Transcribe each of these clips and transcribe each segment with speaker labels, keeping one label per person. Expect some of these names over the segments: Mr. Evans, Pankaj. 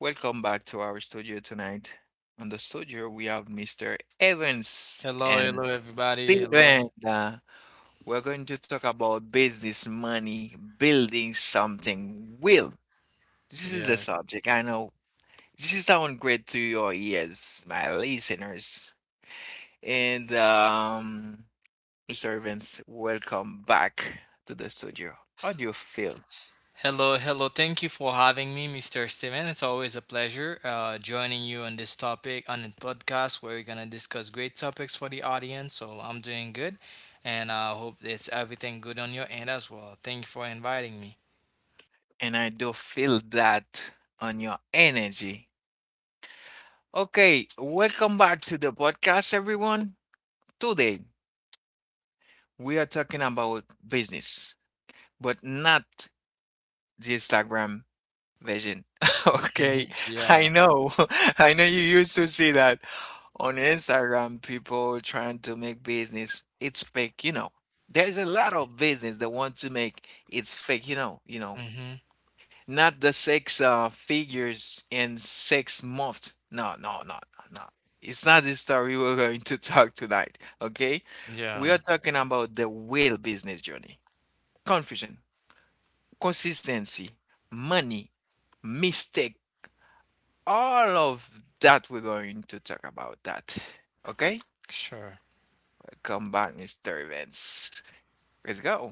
Speaker 1: Welcome back to our studio tonight. On the studio, we have Mr. Evans
Speaker 2: Hello,
Speaker 1: and
Speaker 2: hello, everybody. Hello.
Speaker 1: Steven. We're going to talk about business, money, building something real. This is the
Speaker 2: Yes.
Speaker 1: subject. I know this is sound great to your ears, my listeners. And Mr. Evans, welcome back to the studio. How do you feel?
Speaker 2: Hello, hello. Thank you for having me, Mr. Steven. It's always a pleasure joining you on this topic on the podcast where we're gonna discuss great topics for the audience. So I'm doing good, and I hope it's everything good on your end as well. Thank you for inviting me.
Speaker 1: And I do feel that on your energy. Okay, welcome back to the podcast, everyone. Today, we are talking about business, but not the Instagram version. Okay,
Speaker 2: yeah.
Speaker 1: I know, I know you used to see that on Instagram, people trying to make business. It's fake, There's a lot of business that want to make it's fake,
Speaker 2: Hmm.
Speaker 1: Not the six figures in six months. No, no, no, no, no. It's not the story we're going to talk tonight, okay? We
Speaker 2: Yeah.
Speaker 1: are talking about the real business journey. Confusion, consistency, money, mistake, all of that we're going to talk about that. Okay?
Speaker 2: Sure.
Speaker 1: Come back, Mr. Events. Let's go.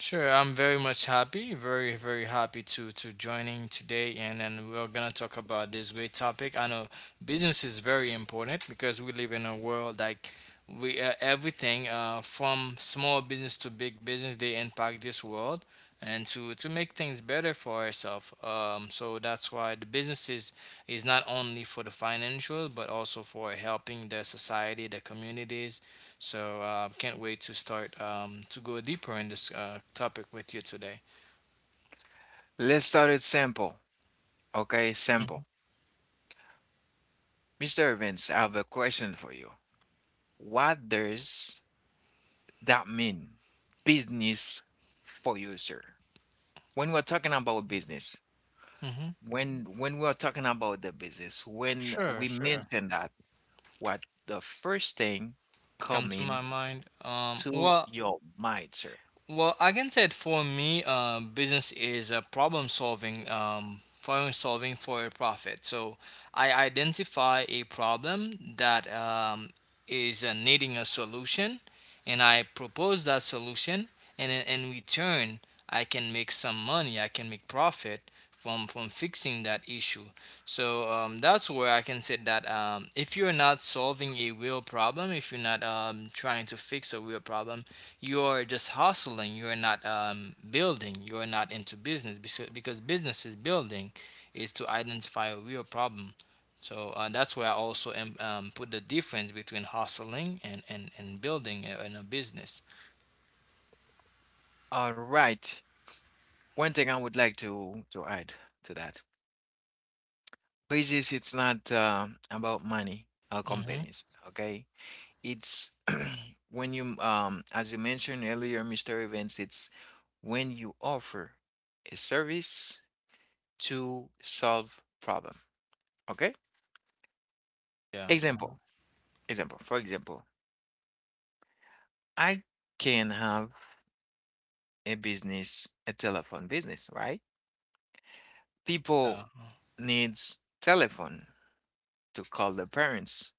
Speaker 2: Sure, I'm very much happy, very happy to joining today, and then we're gonna talk about this great topic. I know business is very important because we live in a world like we everything from small business to big business they impact this world and to make things better for ourselves. So that's why the business is not only for the financial but also for helping the society, the communities so can't wait to start to go deeper in this topic with you today.
Speaker 1: Let's start it simple. Okay, simple. Mr. Evans, I have a question for you. What does that mean business for user? When we're talking about business,
Speaker 2: Mm-hmm.
Speaker 1: when we're talking about the business, when
Speaker 2: Sure,
Speaker 1: we
Speaker 2: sure.
Speaker 1: mention that, what the first thing
Speaker 2: Come to
Speaker 1: coming
Speaker 2: my mind.
Speaker 1: to your mind, sir?
Speaker 2: Well, I can say it for me, business is a problem solving for a profit. So I identify a problem that is needing a solution, and I propose that solution, and in return, I can make some money. I can make profit from fixing that issue. So that's where I can say that if you're not solving a real problem, if you're not trying to fix a real problem, you're just hustling. You're not building. You're not into business because business is building, is to identify a real problem. So that's where I also am, put the difference between hustling and and building in a business.
Speaker 1: All right. One thing I would like to add to that. Business, it's not about money or
Speaker 2: Hmm.
Speaker 1: companies, okay? It's when you as you mentioned earlier, Mr. Events, it's when you offer a service to solve problem, okay?
Speaker 2: Yeah.
Speaker 1: Example example, for example, I can have a business, a telephone business, right? People
Speaker 2: Uh,
Speaker 1: needs telephone to call their parents,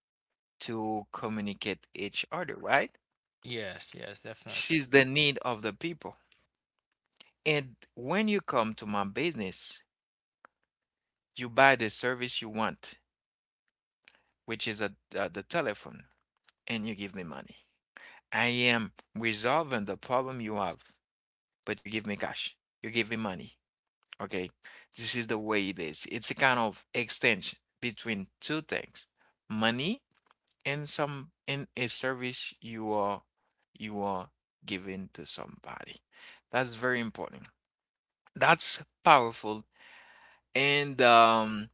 Speaker 1: to communicate each other, right?
Speaker 2: yes. Yes.
Speaker 1: This
Speaker 2: Definitely.
Speaker 1: is the need of the people, and when you come to my business, you buy the service you want, which is a, the telephone, and you give me money. I am resolving the problem you have, but you give me cash. You give me money. Okay. This is the way it is. It's a kind of exchange between two things, money and some and a service you are giving to somebody. That's very important. That's powerful. And,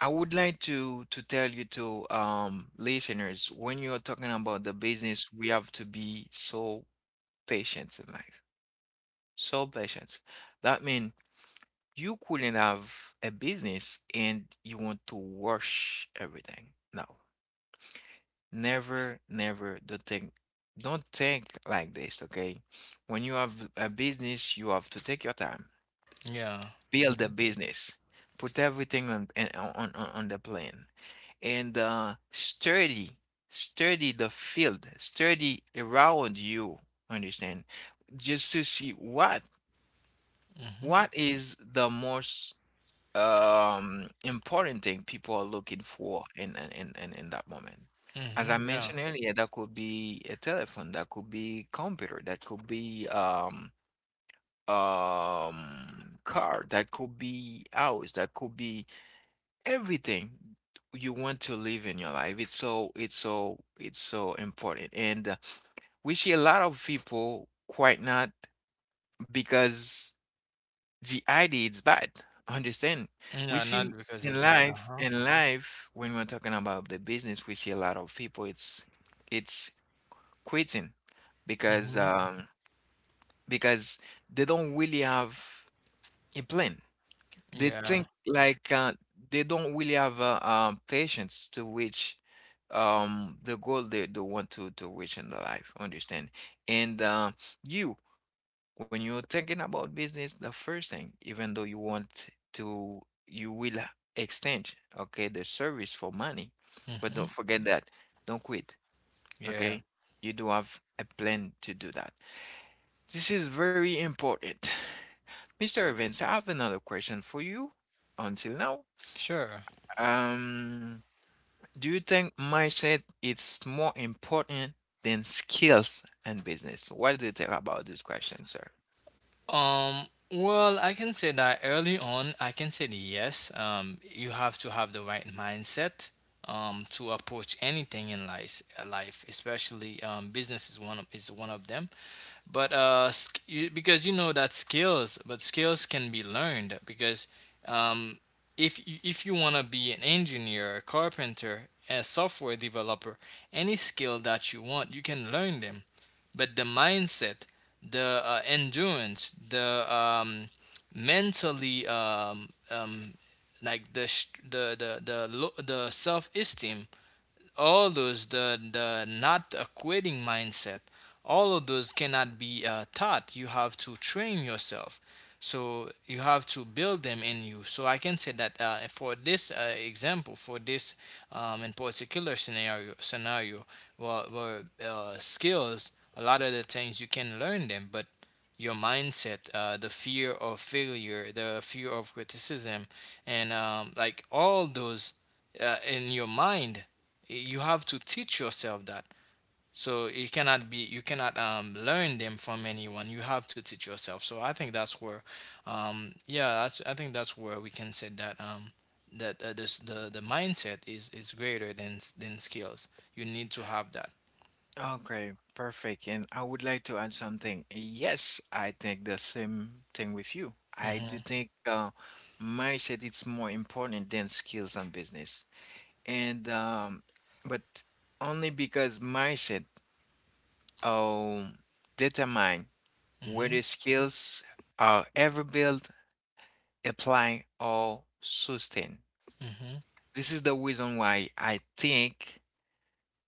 Speaker 1: I would like to tell you to listeners, when you are talking about the business, we have to be so patient in life. So patient. That means you couldn't have a business and you want to rush everything. No. Never, never, don't think like this, okay? When you have a business, you have to take your time.
Speaker 2: Yeah.
Speaker 1: Build a business. Put everything on the plan, and study, study the field, study around you. Understand? Just to see
Speaker 2: Mm-hmm.
Speaker 1: what is the most important thing people are looking for in that moment. As I
Speaker 2: Mm-hmm. Yeah.
Speaker 1: mentioned earlier, that could be a telephone, that could be computer, that could be car, that could be house, that could be everything you want to live in your life. It's so important. And we see a lot of people quite not because the idea is bad. Understand? We
Speaker 2: Yeah.
Speaker 1: see
Speaker 2: Not because it's
Speaker 1: in
Speaker 2: bad. Uh
Speaker 1: life
Speaker 2: huh.
Speaker 1: in life when we're talking about the business, we see a lot of people it's quitting because
Speaker 2: Mm-hmm.
Speaker 1: um because they don't really have a plan. They
Speaker 2: Yeah.
Speaker 1: think like they don't really have patience to reach the goal they want to reach in their life. Understand? And you, when you're thinking about business, the first thing, even though you want to, you will exchange, okay, the service for money. But
Speaker 2: Mm-hmm.
Speaker 1: don't forget that. Don't quit,
Speaker 2: Yeah.
Speaker 1: okay? You do have a plan to do that. This is very important. Mr. Evans, I have another question for you. Until now,
Speaker 2: Sure.
Speaker 1: um, do you think mindset is more important than skills and business? What do you think about this question, sir?
Speaker 2: Um, I can say that early on, I can say that yes. You have to have the right mindset to approach anything in life, life especially business is is one of them. But you, because you know that skills, but skills can be learned because um, if you want to be an engineer, a carpenter, a software developer, any skill that you want, you can learn them but the mindset, the endurance, the mentally like the sh- the, lo- the self esteem all those the not a quitting mindset all of those cannot be taught. You have to train yourself, so you have to build them in you. So I can say that for this example, for this in particular scenario where skills, a lot of the things you can learn them, but your mindset, the fear of failure, the fear of criticism, and like all those in your mind, you have to teach yourself that. So it cannot be, you cannot learn them from anyone. You have to teach yourself. So I think that's where I think that's where we can say that the mindset is greater than skills. You need to have that.
Speaker 1: Okay, perfect. And I would like to add something. Yes, I think the same thing with you. I do
Speaker 2: Mm-hmm.
Speaker 1: think mindset is more important than skills and business. And but only because mindset um determine
Speaker 2: Mm-hmm.
Speaker 1: whether skills are ever built apply or sustain.
Speaker 2: Mm-hmm.
Speaker 1: This is the reason why I think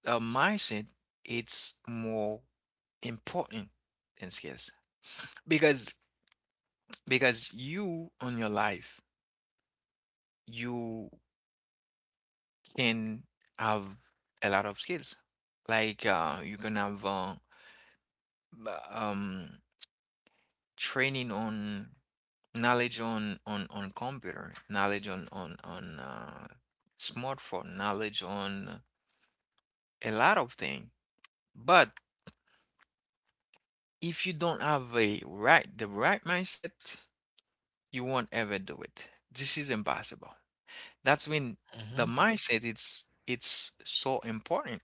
Speaker 1: a mindset it's more important than skills, because because you on your life you can have a lot of skills like you can have b- um, training on knowledge on computer, knowledge on smartphone, knowledge on a lot of things, but if you don't have a right the right mindset, you won't ever do it. This is impossible. That's when
Speaker 2: Mm-hmm.
Speaker 1: the mindset it's so important.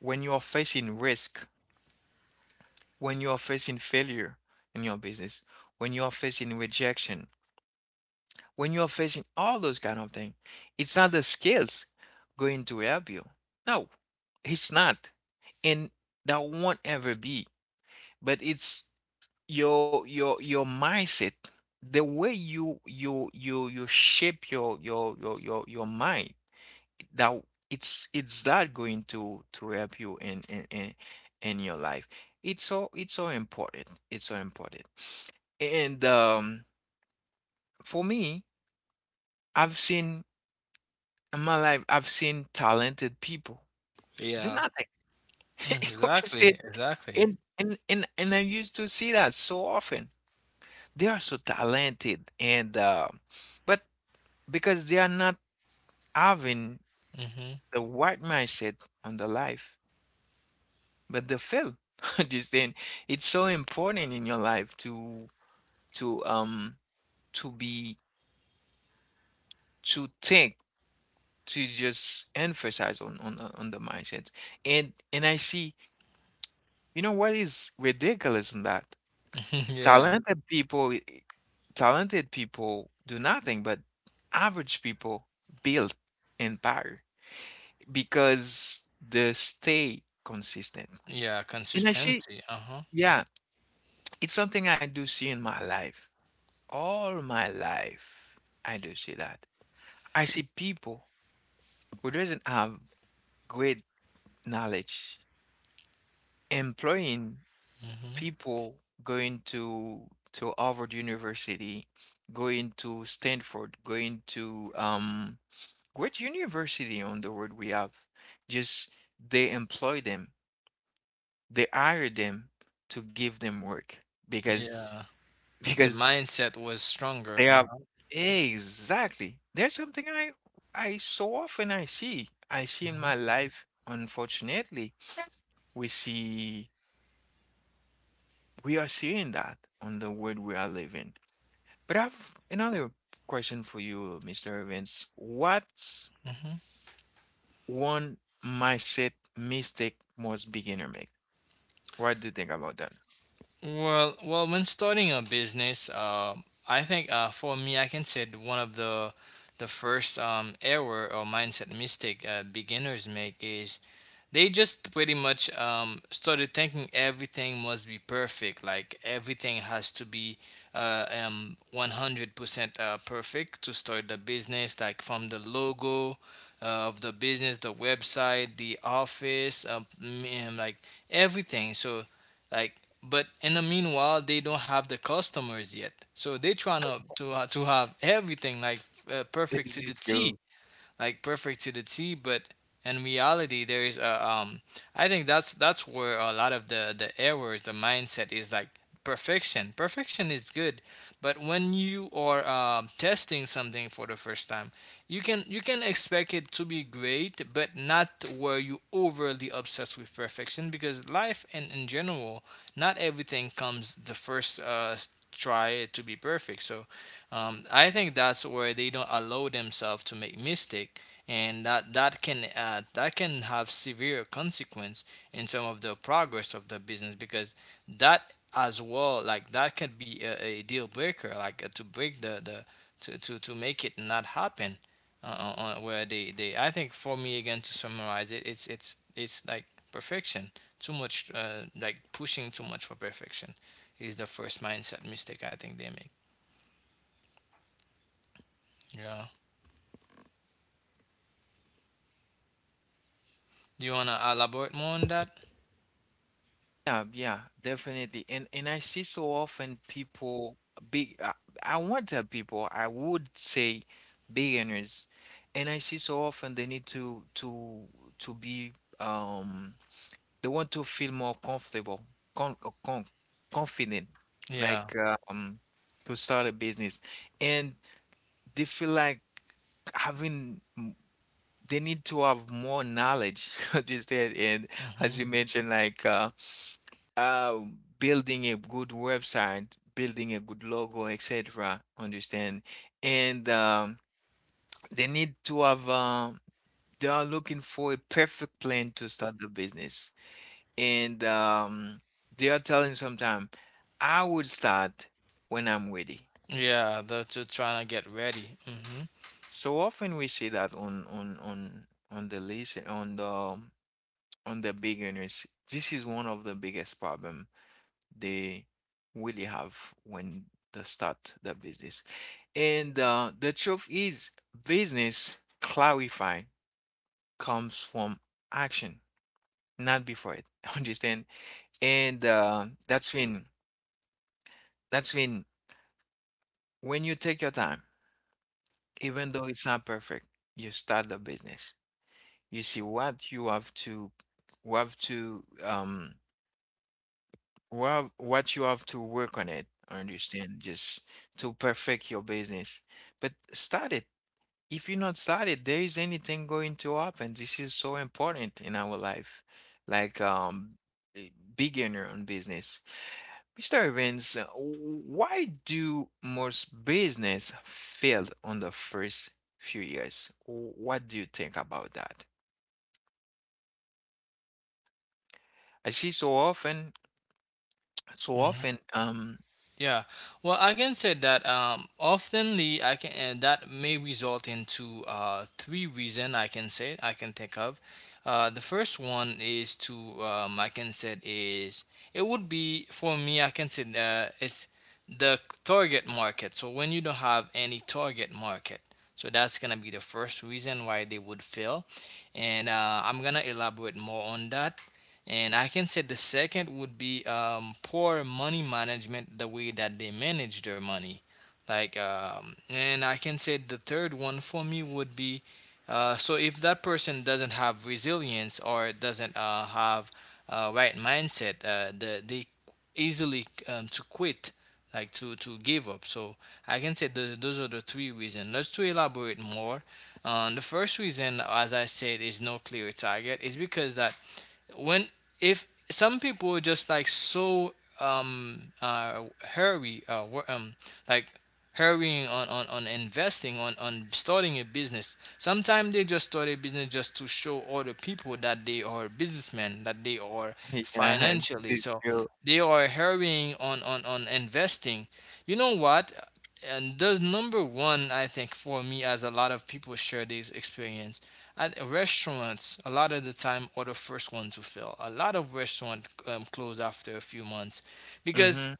Speaker 1: When you are facing risk, when you are facing failure in your business, when you are facing rejection, when you are facing all those kind of things, it's not the skills going to help you. No, it's not. And that won't ever be. But it's your mindset, the way you shape your mind that it's that going to help you in your life. It's so important. It's so important. And, for me, I've seen in my life, I've seen talented people do
Speaker 2: Yeah.
Speaker 1: nothing.
Speaker 2: Mm, exactly
Speaker 1: Understand?
Speaker 2: exactly
Speaker 1: And I used to see that so often. They are so talented, and but because they are not having
Speaker 2: Mm-hmm.
Speaker 1: the right mindset on the life, but they fail. Understand? It's so important in your life to um to be, to think, to just emphasize on the mindset. And I see, you know what is ridiculous in that?
Speaker 2: yeah.
Speaker 1: Talented people, talented people do nothing, but average people build empire because they stay consistent.
Speaker 2: Yeah,
Speaker 1: And I see.
Speaker 2: consistency. Uh-huh.
Speaker 1: Yeah, it's something I do see in my life. All my life, I do see that. I see people who doesn't have great knowledge employing
Speaker 2: Mm-hmm.
Speaker 1: people going to Harvard University, going to Stanford, going to great university on the world we have. Just they employ them, they hire them to give them work because
Speaker 2: Yeah, the
Speaker 1: because
Speaker 2: mindset was stronger.
Speaker 1: they are.
Speaker 2: Uh-huh.
Speaker 1: Exactly. There's something I so often I see. I see in
Speaker 2: Mm-hmm.
Speaker 1: my life, unfortunately, we see we are seeing that on the world we are living. But I've another question for you, Mr. Evans. What's
Speaker 2: Mm-hmm.
Speaker 1: one mindset mistake most beginner make? What do you think about that?
Speaker 2: Well, well, when starting a business, I think for me, I can say that one of the first error or mindset mistake beginners make is they just pretty much started thinking everything must be perfect, like everything has to be 100% perfect to start the business, like from the logo of the business, the website, the office, and like everything, so like, but in the meanwhile they don't have the customers yet, so they trying to have everything like perfect
Speaker 1: This
Speaker 2: to the
Speaker 1: is your.
Speaker 2: T, like perfect to the T, but in reality, there is a. I think that's where a lot of the errors, the mindset is like perfection. Perfection is good, but when you are testing something for the first time, you can expect it to be great, but not where you overly obsessed with perfection, because life and in general, not everything comes the first try to be perfect. So I think that's where they don't allow themselves to make mistake, and that can that can have severe consequence in terms of the progress of the business, because that as well, like that could be a deal breaker, like to break to make it not happen where they, I think for me, again, to summarize it, it's like perfection, too much like pushing too much for perfection is the first mindset mistake I think they make. Yeah. Do you want to elaborate more on that?
Speaker 1: Yeah, yeah, definitely. And I see so often people, big I won't tell people, I would say beginners. And I see so often they need to to be, um they want to feel more comfortable, con uh, con confident,
Speaker 2: Yeah.
Speaker 1: like to start a business. And they feel like having they need to have more knowledge understand and as
Speaker 2: Hmm.
Speaker 1: you mentioned like uh building a good website, building a good logo, etc., understand, and they need to have they are looking for a perfect plan to start the business, and they are telling sometime, I would start when I'm ready.
Speaker 2: Yeah, they're just trying to get ready. Hmm.
Speaker 1: So often we see that on the list on the big earners. This is one of the biggest problem they really have when they start the business. And the truth is, business clarifying comes from action, not before it. Understand? And that's when you take your time, even though it's not perfect, you start the business. You see what you have to well, what you have to work on it, understand, just to perfect your business. But start it. If you not start it, there is anything going to happen. This is so important in our life. Like eh, beginner on business. Mr. Evans, w- why do most business fail on the first few years? W- What do you think about that? I see so often,
Speaker 2: Hmm. Yeah, well, I can say that oftenly I can and that may result into three reason I can say I can think of. The first one is to I can say is it would be for me, I can say it's the target market. So when you don't have any target market, so that's gonna be the first reason why they would fail, and I'm gonna elaborate more on that. And I can say the second would be poor money management, the way that they manage their money. Like, and I can say the third one for me would be so if that person doesn't have resilience or doesn't have right mindset, they easily to quit, like to give up. So I can say those are the three reasons. Let's to elaborate more. The first reason, as I said, is no clear target. Is because that when, if some people are just like so um uh hurry like hurrying on investing on starting a business, sometimes they just start a business just to show other people that they are businessmen, that they are
Speaker 1: yeah, it's,
Speaker 2: financially.
Speaker 1: it,
Speaker 2: So
Speaker 1: you,
Speaker 2: they are hurrying on investing, you know what, and the number one, I think for me, as a lot of people share this experience at restaurants, a lot of the time are the first one to fail. A lot of restaurants close after a few months
Speaker 1: mm-hmm,
Speaker 2: because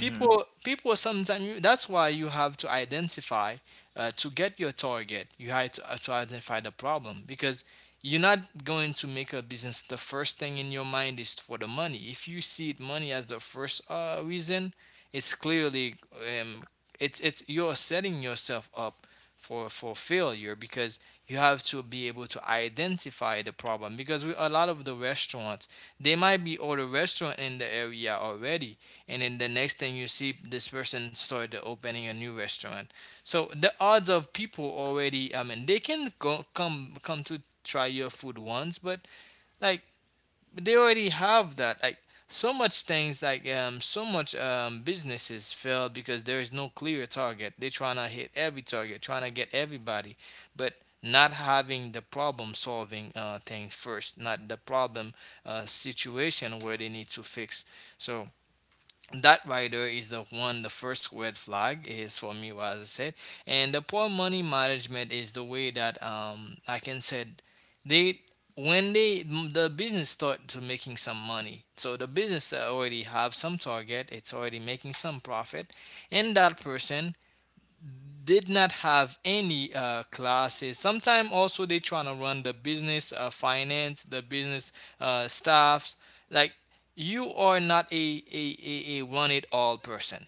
Speaker 1: mm-hmm.
Speaker 2: people sometimes, that's why you have to identify to get your target, you have to identify the problem, because you're not going to make a business. The first thing in your mind is for the money. If you see it money as the first reason, it's clearly um, it's you're setting yourself up for failure, because you have to be able to identify the problem, because we, a lot of the restaurants, they might be all the restaurant in the area already, and then the next thing you see, this person started opening a new restaurant. So the odds of people already, I mean they can go come to try your food once, but like they already have that, like so much things, like so much businesses fail because there is no clear target. They're trying to hit every target, trying to get everybody, but not having the problem solving things first, not the problem situation where they need to fix. So that rider is the one, the first red flag is for me what I said. And the poor money management is the way that like I can said, they when they, the business start to making some money, so the business already have some target, it's already making some profit, and that person did not have any classes. Sometimes also they trying to run the business finance, the business staffs. Like you are not a run it all person.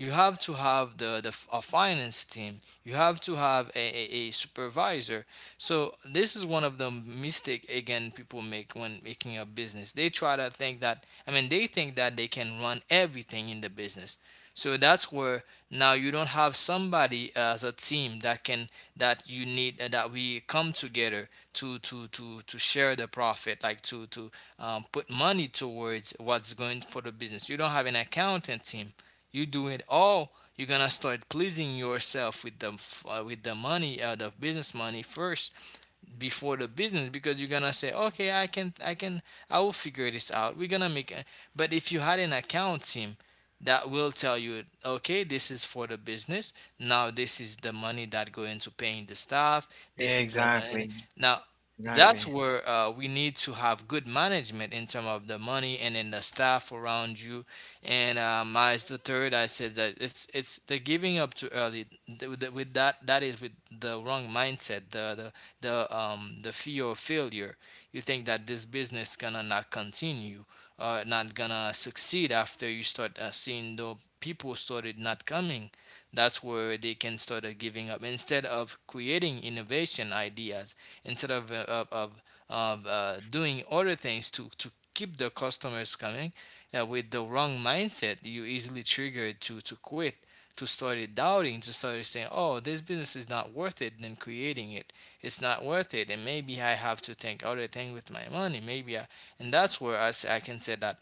Speaker 2: You have to have the a finance team. You have to have a supervisor. So this is one of the mistake again people make when making a business. They try to think that, I mean they think that they can run everything in the business. So that's where now you don't have somebody as a team that can that you need that we come together to share the profit, like to put money towards what's going for the business. You don't have an accountant team, you do it all. You're gonna start pleasing yourself with the with the money, the business money first before the business, because you're gonna say, okay, I can I will figure this out, we're gonna make a— but if you had an account team that will tell you, okay, this is for the business, now this is the money that go into paying the staff, this is the money
Speaker 1: Exactly,
Speaker 2: now. That's
Speaker 1: exactly.
Speaker 2: where we need to have good management in terms of the money and in the staff around you. And as the third, I said that it's the giving up too early. With that, that is with the wrong mindset. The the fear of failure. You think that this business gonna not continue, not gonna succeed after you start seeing the people started not coming. That's where they can start giving up instead of creating innovation ideas, instead of doing other things to keep the customers coming. With the wrong mindset, you easily triggered to quit, to start doubting, to start saying, oh, this business is not worth it than creating it, it's not worth it, and maybe I have to think other thing with my money. Maybe I— and that's where I can say that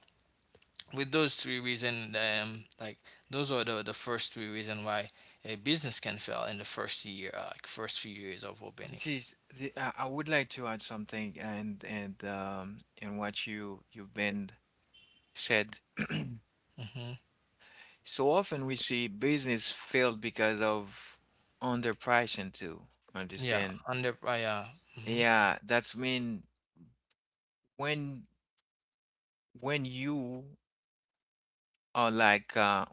Speaker 2: with those three reasons, those are the first three reasons why a business can fail in the first year, like first few years of opening.
Speaker 1: It is the, I would like to add something and what you you've been said.
Speaker 2: Hmm.
Speaker 1: So often we see business failed because of underpricing too.
Speaker 2: Yeah,
Speaker 1: Understand?
Speaker 2: under yeah. Hmm.
Speaker 1: Yeah, that's mean when when you are like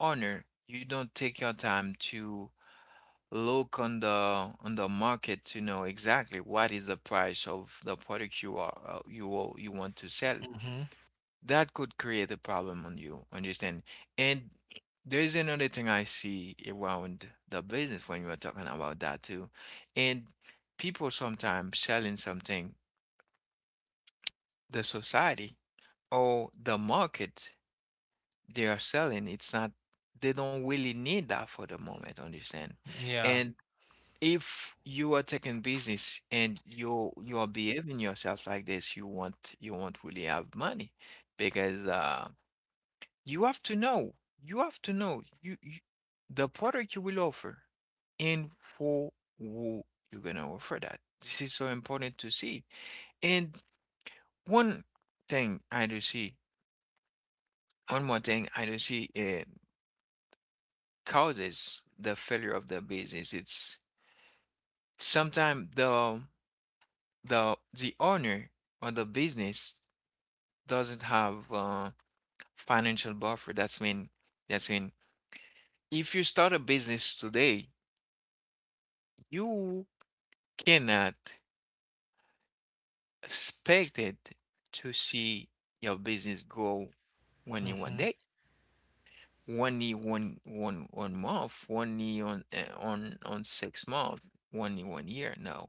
Speaker 1: owner, you don't take your time to look on the market to know exactly what is the price of the product you are you you want to sell.
Speaker 2: Hmm.
Speaker 1: That could create a problem on you, understand? And there's another thing I see around the business when you are talking about that too. And people sometimes selling something the society or the market they are selling, it's not they don't really need that for the moment, understand?
Speaker 2: Yeah.
Speaker 1: And if you are taking business and you are behaving yourself like this, you won't really have money because you have to know you have to know you, you the product you will offer and for who you're gonna offer that. This is so important to see. And one thing I do see, one more thing I do see causes the failure of the business. It's sometimes the owner or the business doesn't have financial buffer. That's mean if you start a business today, you cannot expect it to see your business grow only one
Speaker 2: Hmm.
Speaker 1: day, only one month, only on 6 months, only 1 year. No,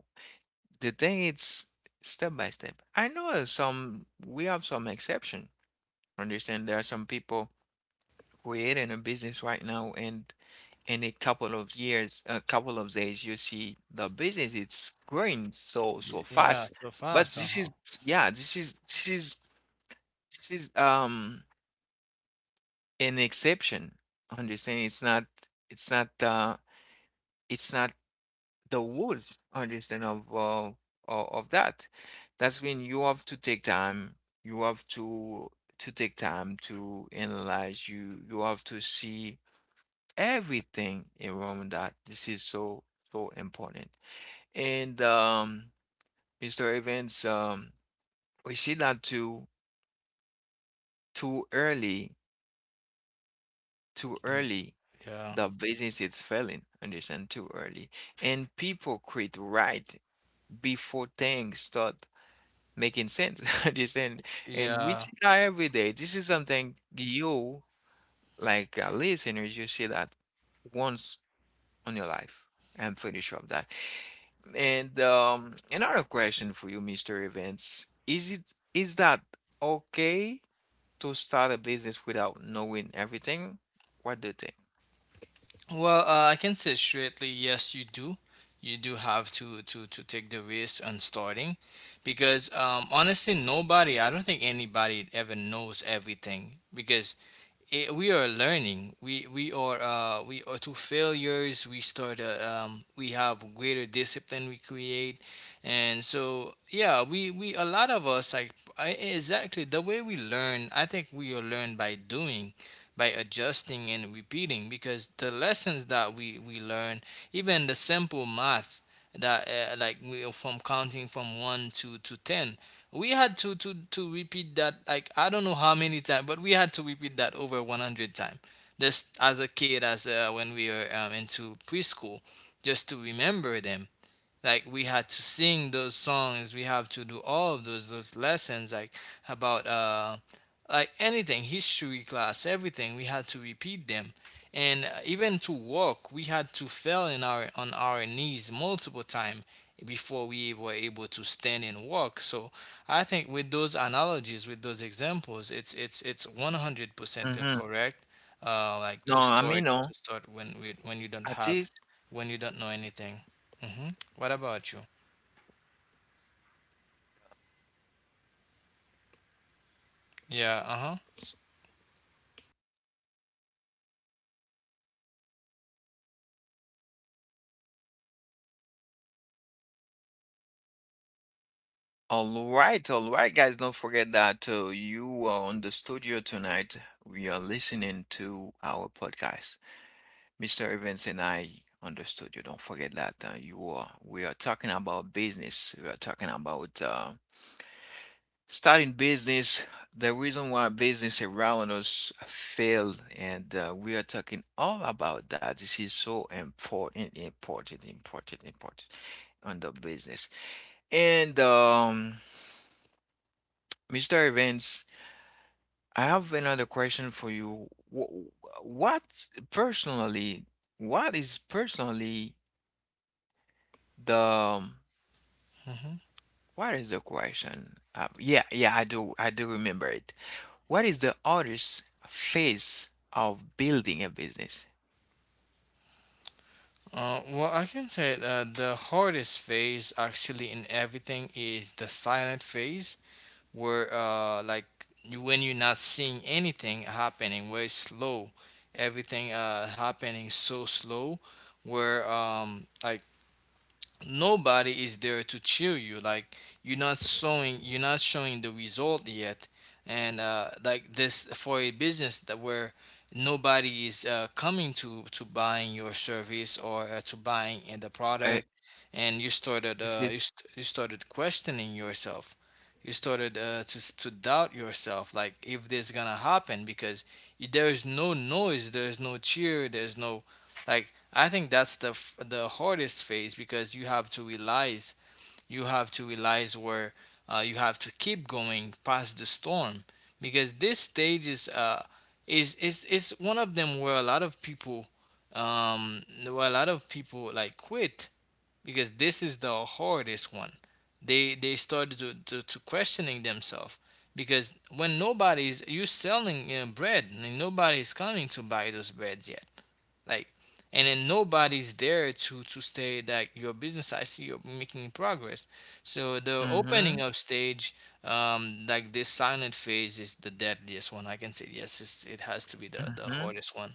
Speaker 1: the thing is step by step. I know some we have some exception. Understand there are some people creating a business right now, and in a couple of years, a couple of days, you see the business it's growing so so
Speaker 2: Yeah,
Speaker 1: fast.
Speaker 2: so
Speaker 1: But
Speaker 2: fast,
Speaker 1: this
Speaker 2: uh-huh.
Speaker 1: is yeah, this is this is an exception. Understand? It's not it's not uh it's not the rules. Understand of of that. That's when you have to take time. You have to take time to analyze. You have to see everything in Roman that this is so so important. And Mr. Evans, we see that too too early, too
Speaker 2: Mm,
Speaker 1: early,
Speaker 2: yeah,
Speaker 1: the business is failing. Understand? Too early, and people quit right before things start making sense. Understand? And we
Speaker 2: yeah.
Speaker 1: see that every day. This is something you like listeners, you see that once on your life. I'm pretty sure of that. And another question for you, Mr. Evans, is it is that okay to start a business without knowing everything? What do you think?
Speaker 2: Well, I can say straightly, yes, you do. You do have to take the risk on starting, because honestly, nobody— I don't think anybody ever knows everything. Because it, we are learning. We are we are to failures. We start. We have greater discipline. We create, and so yeah, we a lot of us, like I, exactly the way we learn. I think we are learn by doing, by adjusting and repeating, because the lessons that we learn, even the simple math that like we from counting from one to ten, we had to repeat that like I don't know how many times, but we had to repeat that over 100 times. Just as a kid, as when we were into preschool, just to remember them, like we had to sing those songs, we have to do all of those lessons, like about anything, history class, everything, we had to repeat them. And even to walk, we had to fell in our on our knees multiple times before we were able to stand and walk. So I think with those analogies, with those examples, it's 100%
Speaker 1: Mm-hmm.
Speaker 2: correct. Like,
Speaker 1: No,
Speaker 2: to
Speaker 1: I mean,
Speaker 2: start,
Speaker 1: no,
Speaker 2: when you don't
Speaker 1: at
Speaker 2: have,
Speaker 1: least.
Speaker 2: when you don't know anything. Hmm. What about you? Yeah, uh-huh.
Speaker 1: All right, guys. Don't forget that you are on the studio tonight. We are listening to our podcast. Mr. Evans and I on the studio. Don't forget that you are. We are talking about business. We are talking about starting business, the reason why business around us failed, and we are talking all about that. This is so important, important on the business. And Mr. Evans, I have another question for you. What personally, what is personally the
Speaker 2: Mhm.
Speaker 1: what is the question yeah, I do I do remember it. What is the hardest phase of building a business?
Speaker 2: Well, I can say the hardest phase actually in everything is the silent phase, where you— when you're not seeing anything happening, where it's slow, everything happening so slow, where nobody is there to cheer you, like you're not showing the result yet. And like this, for a business that where nobody is coming to buying your service or to buying in the
Speaker 1: Uh,
Speaker 2: product. And you started
Speaker 1: this is,
Speaker 2: you started questioning yourself. You started to doubt yourself, like if this gonna happen, because there is no noise, there's no cheer, there's no— like I think that's the the hardest phase, because you have to realize, you have to realize where you have to keep going past the storm, because this stage is is one of them where a lot of people— where a lot of people like quit, because this is the hardest one. They started to to questioning themselves, because when nobody's— you're selling bread and nobody's coming to buy those breads yet, like, and then nobody's there to say that your business, I see you're making progress. So the
Speaker 1: mm-hmm,
Speaker 2: opening up stage, this silent phase is the deadliest one, I can say. Yes, it's, it has to be the
Speaker 1: mm-hmm.
Speaker 2: hardest one.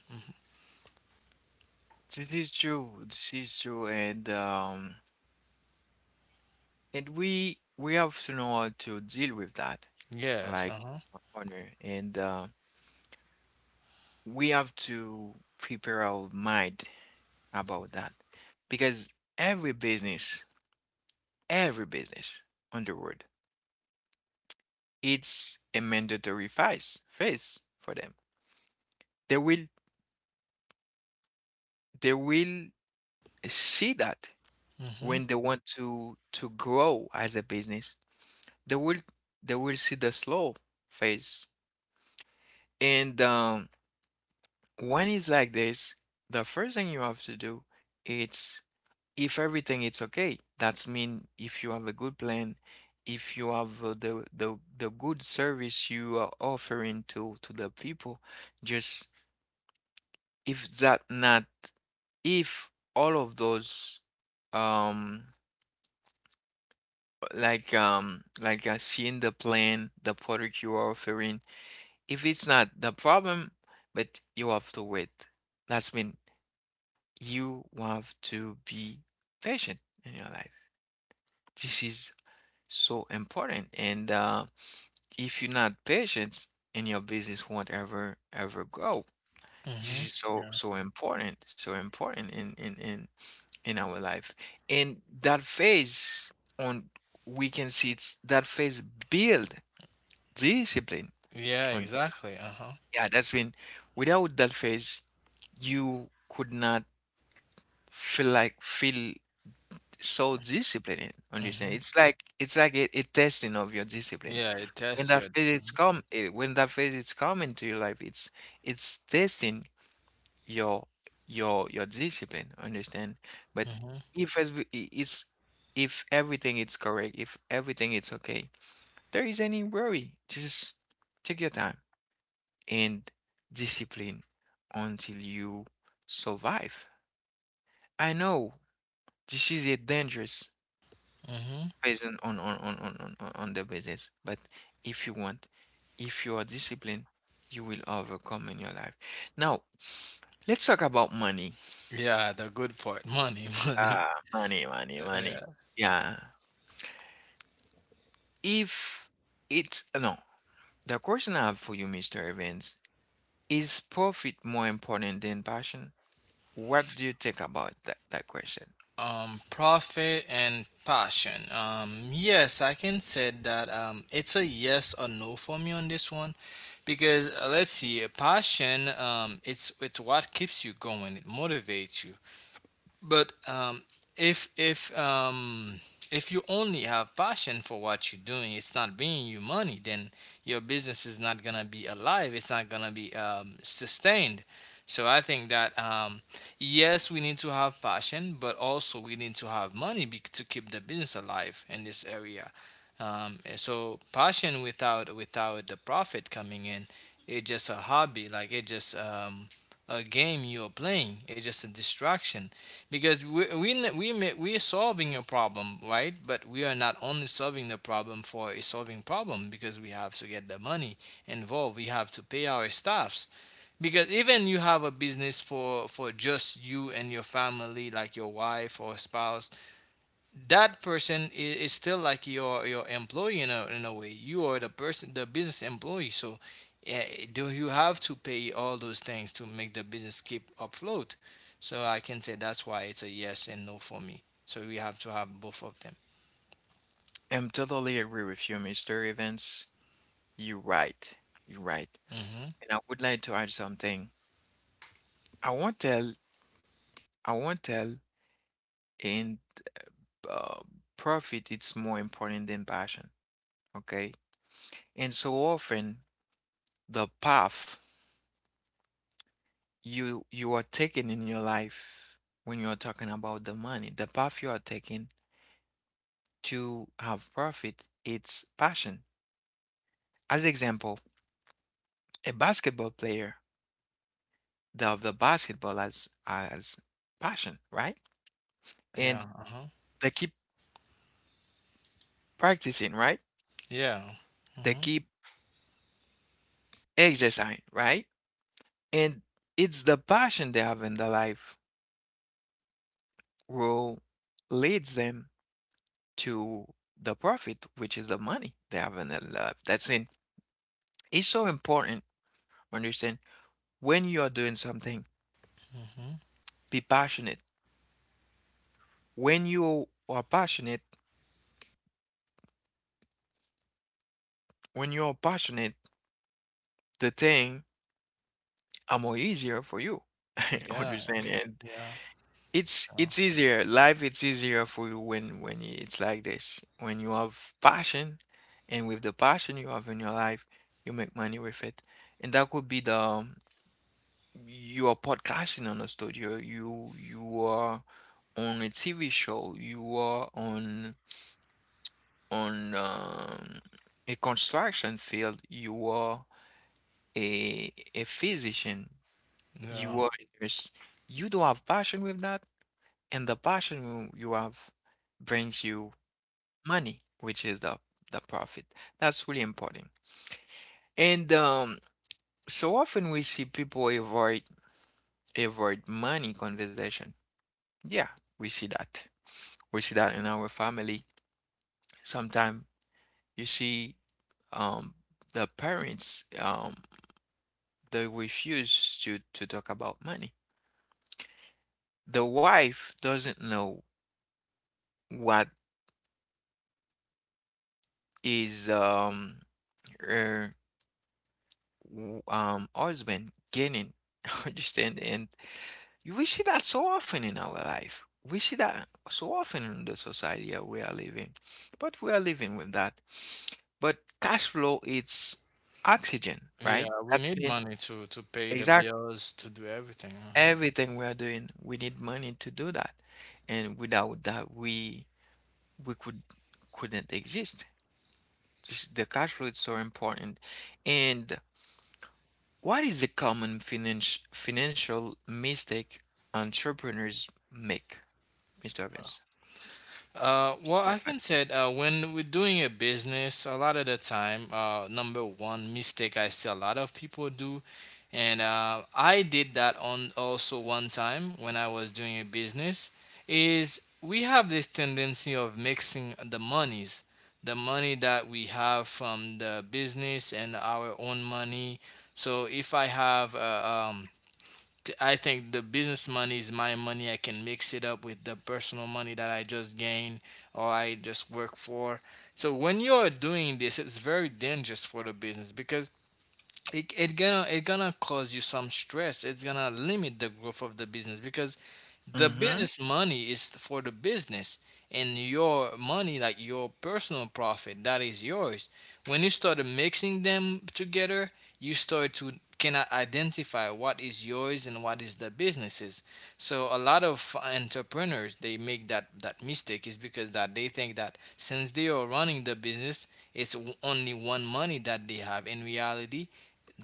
Speaker 1: This is true. This is true, and we have to know how to deal with that,
Speaker 2: Yes,
Speaker 1: like
Speaker 2: uh-huh.
Speaker 1: honor, and we have to prepare our mind about that, because every business, every business on the world, it's a mandatory phase for them. They will they will see that
Speaker 2: Mm-hmm.
Speaker 1: when they want to grow as a business. They will they will see the slow phase. And when it's like this, the first thing you have to do, it's if everything it's okay, that's mean if you have a good plan, if you have the good service you are offering to the people, just if that not, if all of those um like seeing the plan, the product you are offering. If it's not the problem, but you have to wait. That's mean you have to be patient in your life. This is so important. And if you're not patient, and your business won't ever grow. This
Speaker 2: Mm-hmm.
Speaker 1: is so
Speaker 2: Yeah.
Speaker 1: so important in in our life. And that phase on we can see it's that phase build discipline.
Speaker 2: Yeah,
Speaker 1: And
Speaker 2: exactly, uh-huh.
Speaker 1: yeah, that's been without that phase, you could not feel so disciplined.
Speaker 2: Mm-hmm.
Speaker 1: Understand? It's like a testing of your discipline.
Speaker 2: Yeah, it
Speaker 1: When
Speaker 2: tests
Speaker 1: that
Speaker 2: your—
Speaker 1: phase is
Speaker 2: mm-hmm.
Speaker 1: come, eh, when that phase is come into your life, it's testing your your discipline. Understand? But
Speaker 2: Mm-hmm.
Speaker 1: if it's if everything is correct, if everything is okay, there is any worry. Just take your time, and discipline until you survive. I know this is a dangerous
Speaker 2: Mm-hmm.
Speaker 1: person on on the business, but if you want, if you are disciplined, you will overcome in your life. Now, let's talk about money.
Speaker 2: Yeah, the good part, money, money.
Speaker 1: Ah, money, money, money.
Speaker 2: Yeah.
Speaker 1: Yeah. If it's no, the question I have for you, Mr. Evans, is profit more important than passion? What do you think about that, that question?
Speaker 2: Profit and passion. Yes, I can say that it's a yes or no for me on this one, because let's see, passion. It's what keeps you going. It motivates you. But if if um, if you only have passion for what you're doing, it's not bringing you money. Then your business is not gonna be alive. It's not gonna be sustained. So I think that yes, we need to have passion, but also we need to have money to keep the business alive in this area. And so passion without the profit coming in, it's just a hobby. Like it's just a game you're playing. It's just a distraction, because we are solving a problem, right? But we are not only solving the problem for a solving problem, because we have to get the money involved. We have to pay our staffs, because even you have a business for just you and your family, like your wife or spouse, that person is still like your employee in a way. You are the person, the business employee. So yeah, do you have to pay all those things to make the business keep afloat. So I can say that's why it's a yes and no for me. So we have to have both of them.
Speaker 1: I'm totally agree with you, Mr. Evans. You're right. You're right.
Speaker 2: Hmm.
Speaker 1: And I would like to add something. I won't tell, I won't tell in uh, profit it's more important than passion, okay? And so often the path you are taking in your life, when you're talking about the money, the path you are taking to have profit, it's passion. As example, a basketball player, the of the basketball as passion, right? And
Speaker 2: Yeah, uh-huh.
Speaker 1: they keep practicing, right?
Speaker 2: Yeah.
Speaker 1: They
Speaker 2: Hmm.
Speaker 1: keep exercising, right? And it's the passion they have in their life will leads them to the profit, which is the money they have in their life. That's it. It's so important. Understand when you are doing something,
Speaker 2: Hmm.
Speaker 1: be passionate. When you are passionate, when you are passionate, the thing are more easier for you.
Speaker 2: Yeah.
Speaker 1: Understand? And
Speaker 2: Yeah.
Speaker 1: it's easier. Life it's easier for you when it's like this. When you have passion, and with the passion you have in your life, you make money with it. And that could be the you are podcasting on a studio. You are on a TV show. You are on on um, a construction field. You are a physician.
Speaker 2: Yeah.
Speaker 1: You
Speaker 2: Yeah.
Speaker 1: are a nurse. You don't have passion with that, and the passion you have brings you money, which is the profit. That's really important. And so often we see people avoid money conversation. Yeah, we see that. We see that in our family. Sometimes you see um, the parents they refuse to talk about money. The wife doesn't know what is uh, always been getting. Understand? And we see that so often in our life, we see that so often in the society that we are living, but we are living with that. But cash flow it's oxygen, right?
Speaker 2: Yeah, we
Speaker 1: That
Speaker 2: need
Speaker 1: means
Speaker 2: money to pay the
Speaker 1: exactly
Speaker 2: bills, to do everything, uh-huh.
Speaker 1: everything we are doing, we need money to do that, and without that we we could couldn't exist. This- the cash flow is so important. And what is the common financial mistake entrepreneurs make, Mr. Evans?
Speaker 2: Well, I can say when we're doing a business, a lot of the time, number one mistake I see a lot of people do, and I did that on also one time when I was doing a business, is we have this tendency of mixing the monies, the money that we have from the business and our own money. So if I have I think the business money is my money. I can mix it up with the personal money that I just gained, or I just work for. So when you're doing this, it's very dangerous for the business, because it gonna cause you some stress. It's gonna limit the growth of the business, because the
Speaker 1: Mm-hmm.
Speaker 2: business money is for the business, and your money, like your personal profit, that is yours. When you start mixing them together, you start to cannot identify what is yours and what is the businesses. So a lot of entrepreneurs, they make that mistake, is because that they think that since they are running the business, it's only one money that they have. In reality,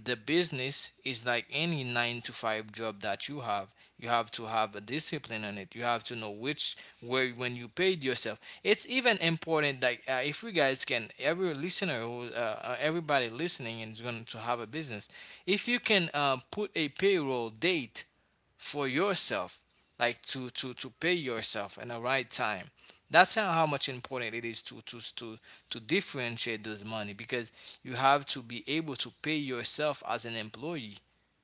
Speaker 2: the business is like any nine to five job that you have. You have to have a discipline on it. You have to know which, where, when you paid yourself. It's even important that if you guys can, every listener, who, everybody listening and is going to have a business, if you can put a payroll date for yourself, like to pay yourself in the right time. That's how much important it is to, differentiate those money, because you have to be able to pay yourself as an employee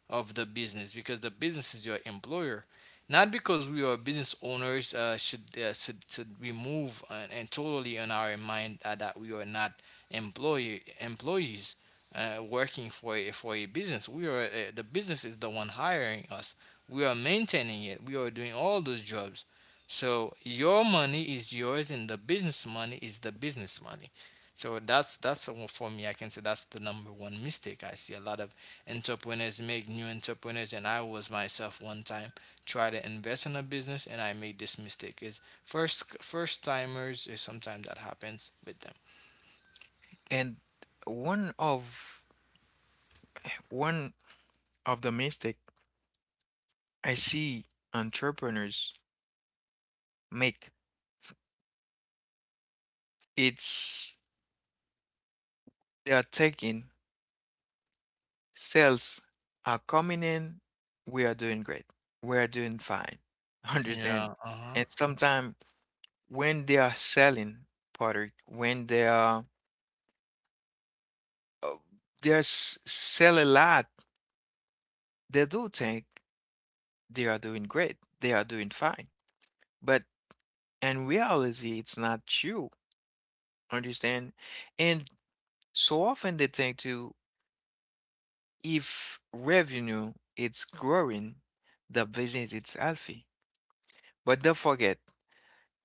Speaker 2: of the business, because the business is your employer. Not because we are business owners should remove and totally in our mind that we are not employees working for a business. We are the business is the one hiring us. We are maintaining it. We are doing all those jobs. So your money is yours, and the business money is the business money. So that's for me, I can say that's the number one mistake I see a lot of entrepreneurs make, new entrepreneurs, and I was myself one time try to invest in a business, and I made this mistake. Is first, first timers is sometimes that happens with them.
Speaker 1: And one of one of the mistake I see entrepreneurs make, it's they are taking sales are coming in, we are doing great. We are doing fine.
Speaker 2: Yeah,
Speaker 1: Understand?
Speaker 2: uh-huh.
Speaker 1: And sometimes when they are selling product, when they are uh, there's sell a lot. They do think they are doing great. They are doing fine. But in reality, it's not true. Understand? And so often they think too, if revenue is growing, the business is healthy. But don't forget,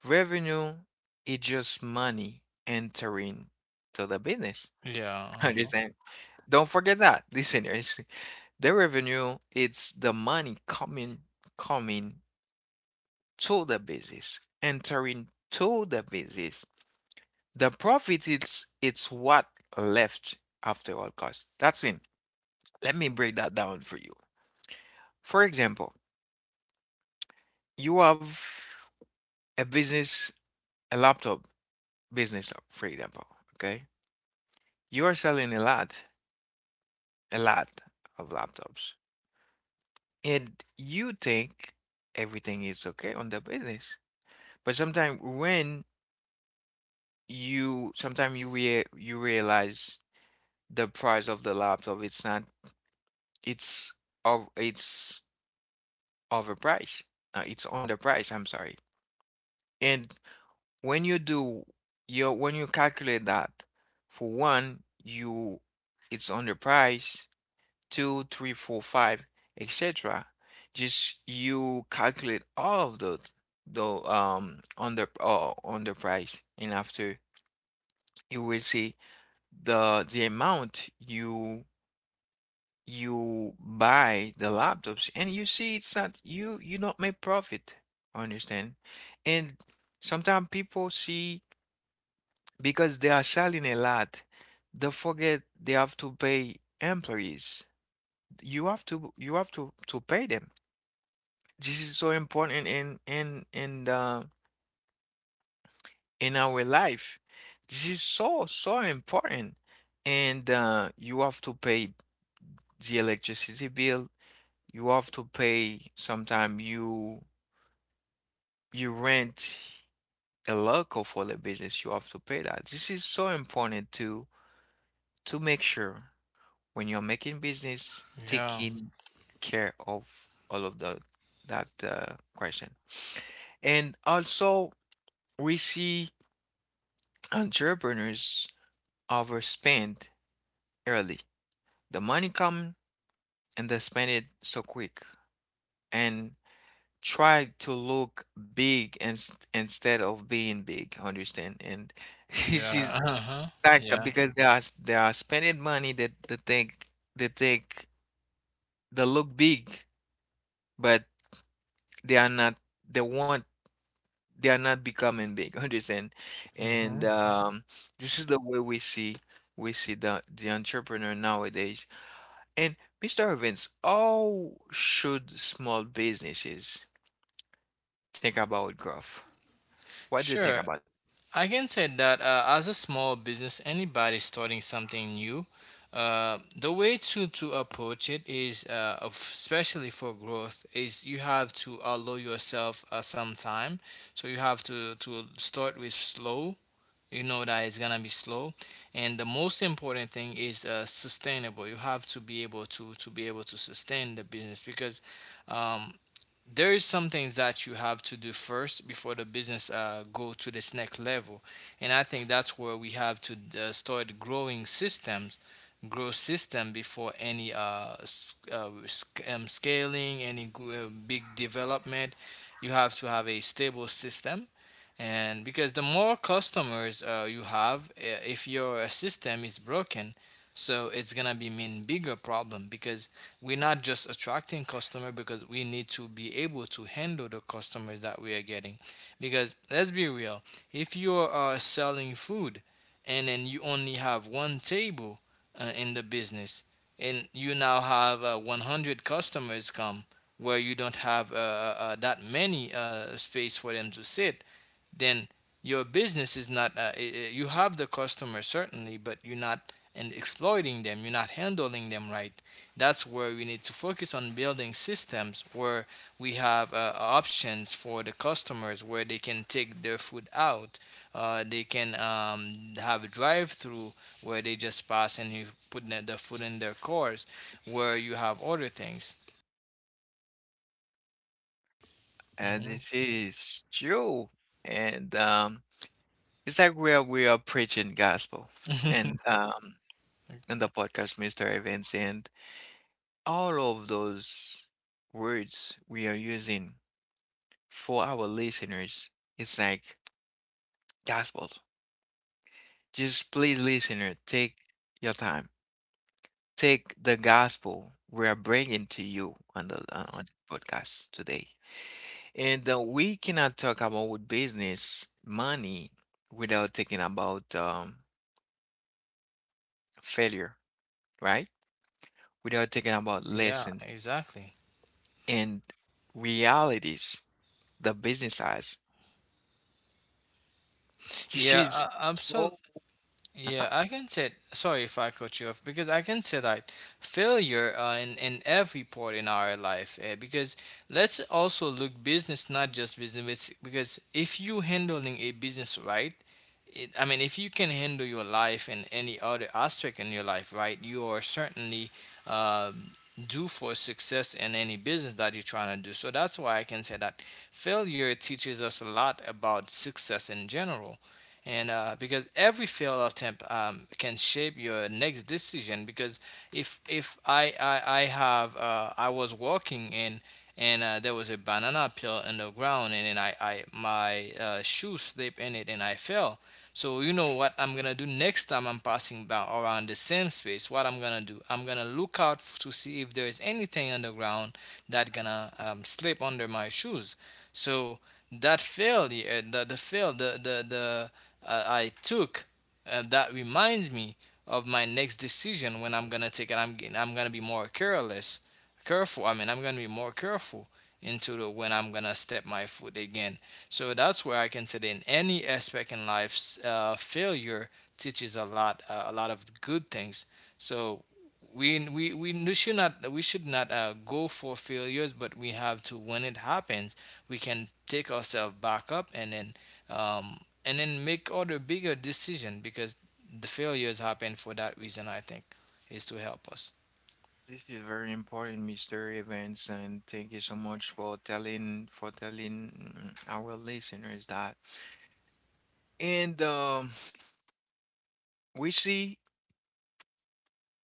Speaker 1: revenue is just money entering to the business.
Speaker 2: Yeah, uh-huh.
Speaker 1: Understand? Don't forget that, listeners. The revenue, it's the money coming to the business. Entering to the business. The profit it's what left after all costs. That's mean. Let me break that down for you. For example, you have a business, a laptop business, for example. Okay. You are selling a lot of laptops. And you think everything is okay on the business. But sometimes when you sometimes you you realize the price of the laptop it's not it's of it's overpriced. It's underpriced, I'm sorry. And when you do your when you calculate that, for one, you it's underpriced, two, three, four, five, etc. Just you calculate all of the under underpriced, and after you will see the amount you buy the laptops, and you see it's not, you don't make profit. Understand? And sometimes people see, because they are selling a lot, they forget they have to pay employees. You have to pay them. This is so important in the in our life. This is so so important. And you have to pay the electricity bill. You have to pay sometimes, you rent a local for the business, you have to pay that. This is so important to make sure when you're making business,
Speaker 2: Yeah.
Speaker 1: taking care of all of the that question. And also, we see entrepreneurs overspend early. The money come and they spend it so quick and try to look big and, instead of being big. Understand? And this
Speaker 2: Yeah,
Speaker 1: is
Speaker 2: uh-huh.
Speaker 1: like,
Speaker 2: Yeah.
Speaker 1: because they are spending money that they think they think they look big, but they are not. They want they are not becoming big. Understand?
Speaker 2: Hmm.
Speaker 1: And this is the way we see the entrepreneur nowadays. And Mr. Evans, how should small businesses think about growth? What do you think
Speaker 2: Sure.
Speaker 1: about?
Speaker 2: I can say that as a small business, anybody starting something new, the way to approach it is, especially for growth, is you have to allow yourself some time. So you have to start with slow. You know that it's gonna be slow, and the most important thing is sustainable. You have to be able to sustain the business because um, there is some things that you have to do first before the business go to this next level, and I think that's where we have to start growing systems. Grow system before any scaling any big development. You have to have a stable system, and because the more customers you have, if your system is broken, so it's gonna be mean bigger problem, because we're not just attracting customer, because we need to be able to handle the customers that we are getting. Because let's be real, if you're selling food and then you only have one table in the business, and you now have 100 customers come, where you don't have that many space for them to sit, then your business is not. You have the customer certainly, but you're not and exploiting them, you're not handling them right. That's where we need to focus on building systems, where we have options for the customers, where they can take their food out. They can have a drive through, where they just pass and you put the food in their cars, where you have other things.
Speaker 1: And
Speaker 2: Hmm.
Speaker 1: this is true. And it's like we are preaching gospel. And um, and the podcast Mr. Events and all of those words we are using for our listeners. It's like gospel. Just please, listener, take your time. Take the gospel we are bringing to you on the podcast today. And we cannot talk about business, money, without talking about failure, right? Without talking about
Speaker 2: Yeah,
Speaker 1: lessons
Speaker 2: exactly.
Speaker 1: and realities, the business eyes. This
Speaker 2: yeah,
Speaker 1: is
Speaker 2: uh,
Speaker 1: so, uh-huh.
Speaker 2: Yeah, I can say, sorry if I cut you off, because I can say that failure in every part in our life, because let's also look business, not just business, because if you handling a business right, I mean, if you can handle your life and any other aspect in your life right, you are certainly um, due for success in any business that you're trying to do. So that's why I can say that failure teaches us a lot about success in general. And because every failed attempt can shape your next decision, because if I I have I was walking, and there was a banana peel in the ground, and then I my shoe slipped in it and I fell. So you know what I'm gonna do next time I'm passing by around the same space? What I'm gonna do, I'm gonna look out to see if there is anything on the ground that gonna slip under my shoes. So that failure, the fail the I took, that reminds me of my next decision when I'm gonna take it. I'm gonna be more careless, careful. I mean, I'm gonna be more careful into the when I'm gonna step my foot again. So that's where I can say in any aspect in life, failure teaches a lot of good things. So we should not go for failures, but we have to when it happens, we can take ourselves back up um, and then make other bigger decision, because the failures happen for that reason, I think, is to help us.
Speaker 1: This is very important, Mr. Evans, and thank you so much for telling our listeners that. And we see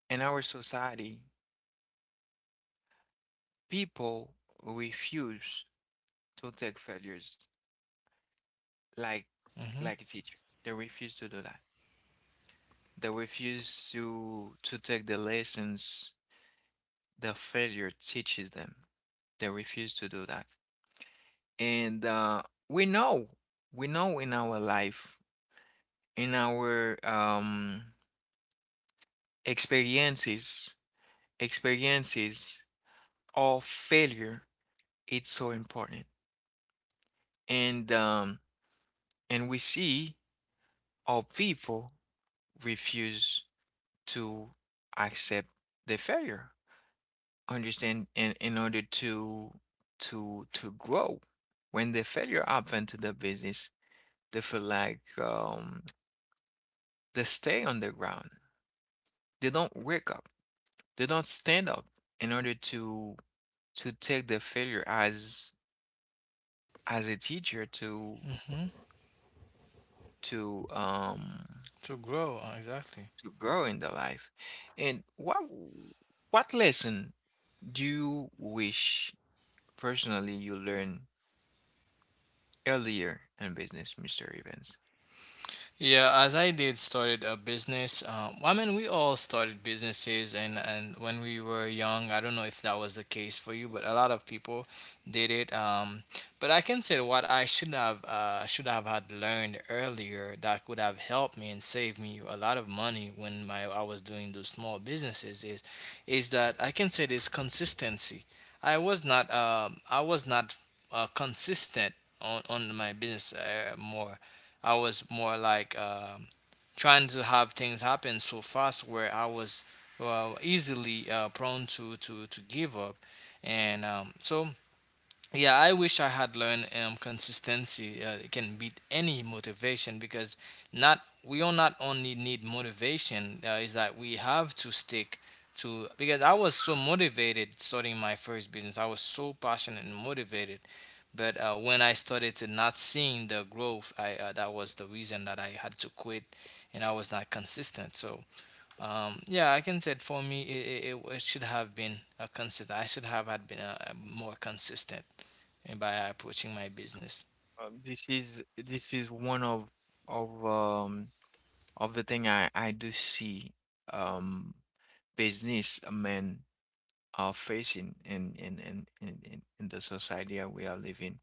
Speaker 1: in our society, people refuse to take failures like
Speaker 2: Hmm.
Speaker 1: like a teacher. They refuse to do that. They refuse to take the lessons the failure teaches them. They refuse to do that. And we know, we know in our life, in our experiences, experiences of failure, it's so important. And um, and we see our people refuse to accept the failure. Understand? In order to to grow, when the failure happened to the business, they feel like they stay on the ground. They don't wake up. They don't stand up in order to take the failure as a teacher to
Speaker 2: Hmm.
Speaker 1: to um
Speaker 2: to grow exactly.
Speaker 1: to grow in the life. And what lesson do you wish personally you learned earlier in business, Mr. Evans?
Speaker 2: Yeah, as I did started a business. Well, I mean, we all started businesses, and when we were young, I don't know if that was the case for you, but a lot of people did it. But I can say what I should have had learned earlier that could have helped me and saved me a lot of money when my I was doing those small businesses is that I can say this consistency. I was not consistent on my business more. I was more like trying to have things happen so fast where I was well easily prone to give up, and so yeah, I wish I had learned consistency can beat any motivation, because not we all not only need motivation is that we have to stick to, because I was so motivated starting my first business. I was so passionate and motivated, but when I started to not seeing the growth, I that was the reason that I had to quit, and I was not consistent. So yeah, I can say it for me, it should have been a consistent. I should have had been more consistent in by approaching my business.
Speaker 1: This is this is one of of um of the thing I do see um businessmen are facing in in the society that we are living.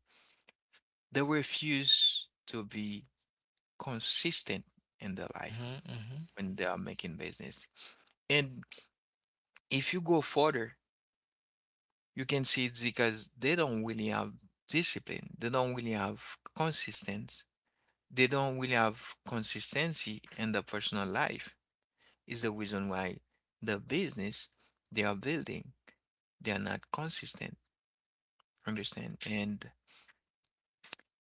Speaker 1: They refuse to be consistent in their
Speaker 2: Mhm,
Speaker 1: life
Speaker 2: mhm.
Speaker 1: when they are making business. And if you go further, you can see it's because they don't really have discipline. They don't really have consistency. They don't really have consistency in their personal life. Is the reason why the business they are building they are not consistent. Understand? and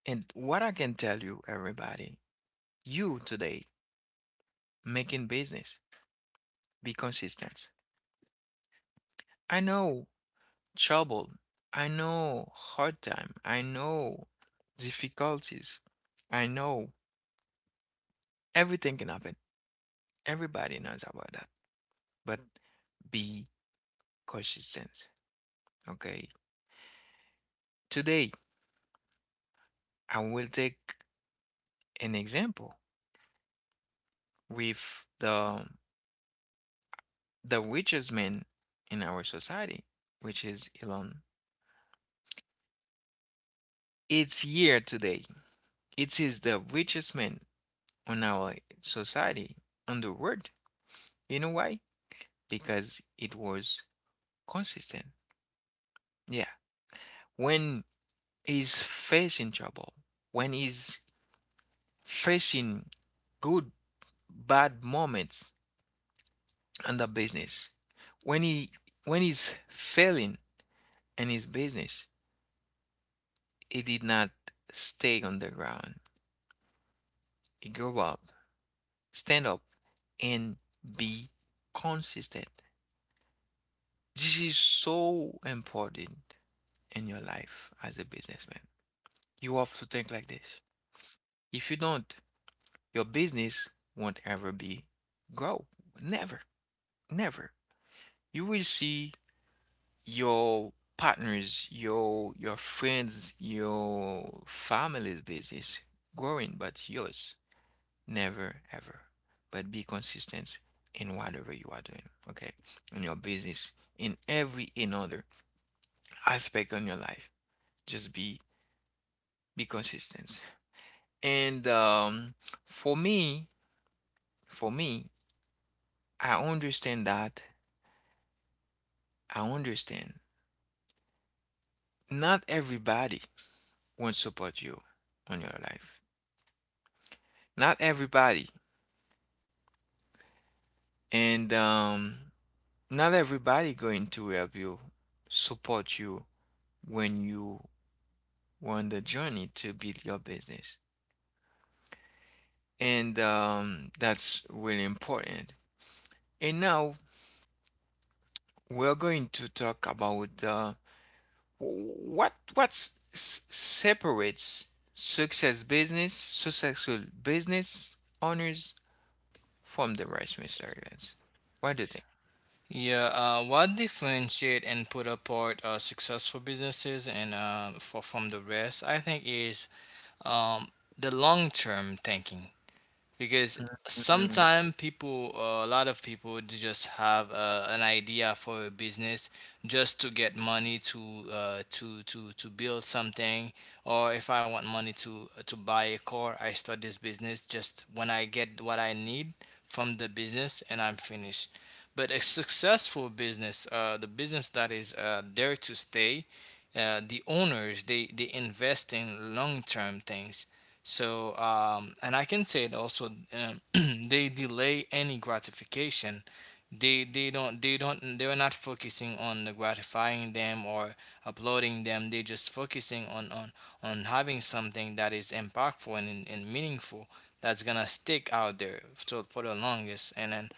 Speaker 1: and what I can tell you, everybody, you today making business, be consistent. I know trouble, I know hard time, I know difficulties, I know everything can happen, everybody knows about that, but be consistent, okay? Today I will take an example with the richest man in our society, which is Elon. It's here today. It is the richest man on our society, on the world. You know why? Because it was consistent. Yeah. When he's facing trouble, when he's facing good, bad moments in the business, when he when he's failing in his business, he did not stay on the ground. He grew up, stand up, and be consistent. This is so important in your life as a businessman. You have to think like this. If you don't, your business won't ever be grow. Never. Never. You will see your partners, your friends, your family's business growing, but yours, never ever. But be consistent in whatever you are doing, okay? In your business, in every another aspect on your life. Just be consistent. And for me, for me, I understand that. I understand. Not everybody won't support you on your life. Not everybody. And not everybody going to help you, support you when you on the journey to build your business. And that's really important. And now we're going to talk about what separates success business, successful business owners from the rest, Mr. Evans. What do you think?
Speaker 2: Yeah, what differentiate and put apart successful businesses from the rest, I think, is um, the long term thinking. Because
Speaker 1: Mhm.
Speaker 2: sometimes people a lot of people they just have an idea for a business just to get money to to build something, or if I want money to buy a car, I start this business just when I get what I need from the business and I'm finished. But a successful business, the business that is there to stay, the owners, they invest in long term things. So, and I can say it also, they delay any gratification. They're not focusing on the gratifying them or uploading them. They're just focusing on having something that is impactful and meaningful, that's gonna stick out there so for the longest. And then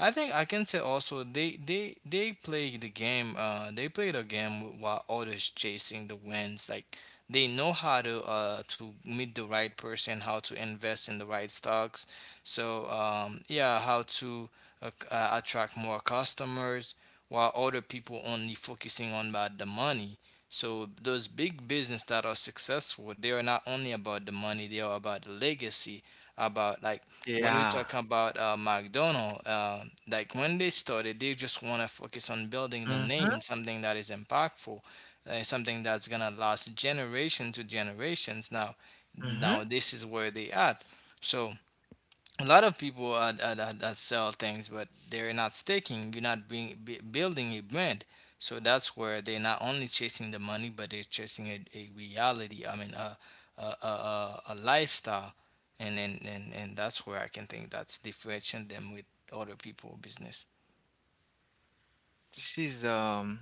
Speaker 2: I think I can say also they play the game. They play the game while others chasing the wins, like they know how to meet the right person, how to invest in the right stocks. So yeah, how to attract more customers while other people only focusing on about the money. So those big business that are successful, they are not only about the money, they are about the legacy. About like when we
Speaker 1: Yeah.
Speaker 2: talk about McDonald, like when they started, they just want to focus on building the
Speaker 1: Mm-hmm.
Speaker 2: name, something that is impactful, something that's gonna last generation to generations. Now,
Speaker 1: Mm-hmm.
Speaker 2: now this is where they at. So a lot of people that sell things, but they're not sticking. You're not being, building a brand. So that's where they're not only chasing the money, but they're chasing a reality. I mean, a lifestyle. And that's where I can think that's differentiating them with other people business.
Speaker 1: This is um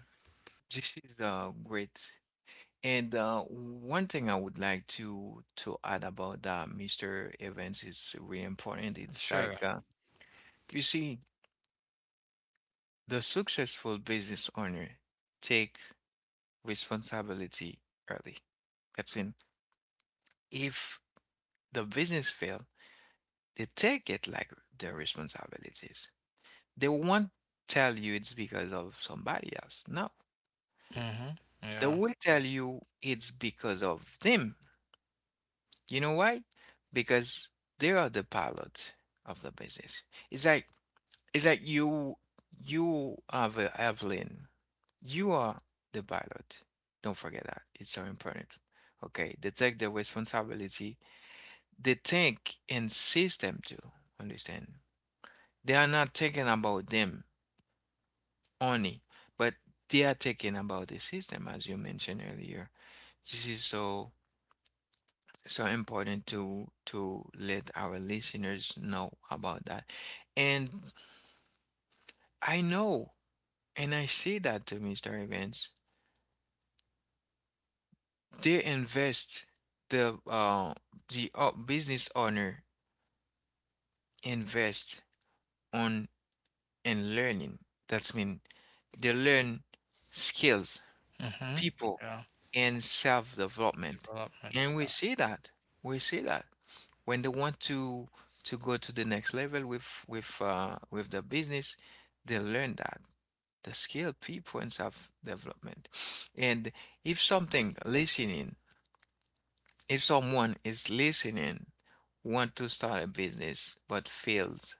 Speaker 1: this is a great. And one thing I would like to add about that, Mr. Evans, is really important. It's
Speaker 2: Sure.
Speaker 1: like you see, the successful business owner take responsibility early. That's in if the business fail, they take it like their responsibilities. They won't tell you it's because of somebody else. No,
Speaker 2: Mm-hmm.
Speaker 1: they
Speaker 2: Yeah.
Speaker 1: will tell you it's because of them. You know why? Because they are the pilot of the business. It's like it's like you have a airplane. You are the pilot. Don't forget that. It's so important. Okay, they take the responsibility. They think and system too. Understand? They are not thinking about them only, but they are thinking about the system, as you mentioned earlier. This is so so important to let our listeners know about that, and I know and I see that to Mr. Evans. They invest the uh the business owner invest on in learning, that's mean they learn skills
Speaker 2: Mm-hmm.
Speaker 1: people
Speaker 2: Yeah.
Speaker 1: in self-development.
Speaker 2: Development.
Speaker 1: And we see that. We see that when they want to go to the next level with the business, they learn that the skilled people in self-development. And if something listening, if someone is listening, want to start a business but feels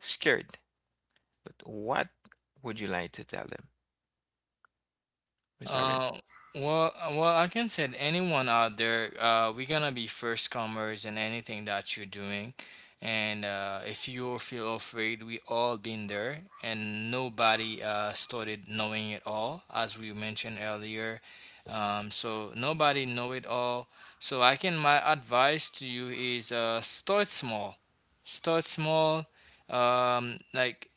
Speaker 1: scared, but what would you like to tell them, Mr.
Speaker 2: Uh,
Speaker 1: Vince?
Speaker 2: well, I can say to anyone out there, we're gonna be first comers in anything that you're doing, and if you feel afraid, we all been there, and nobody started knowing it all, as we mentioned earlier. So nobody know it all. So I can my advice to you is start small, start small. Like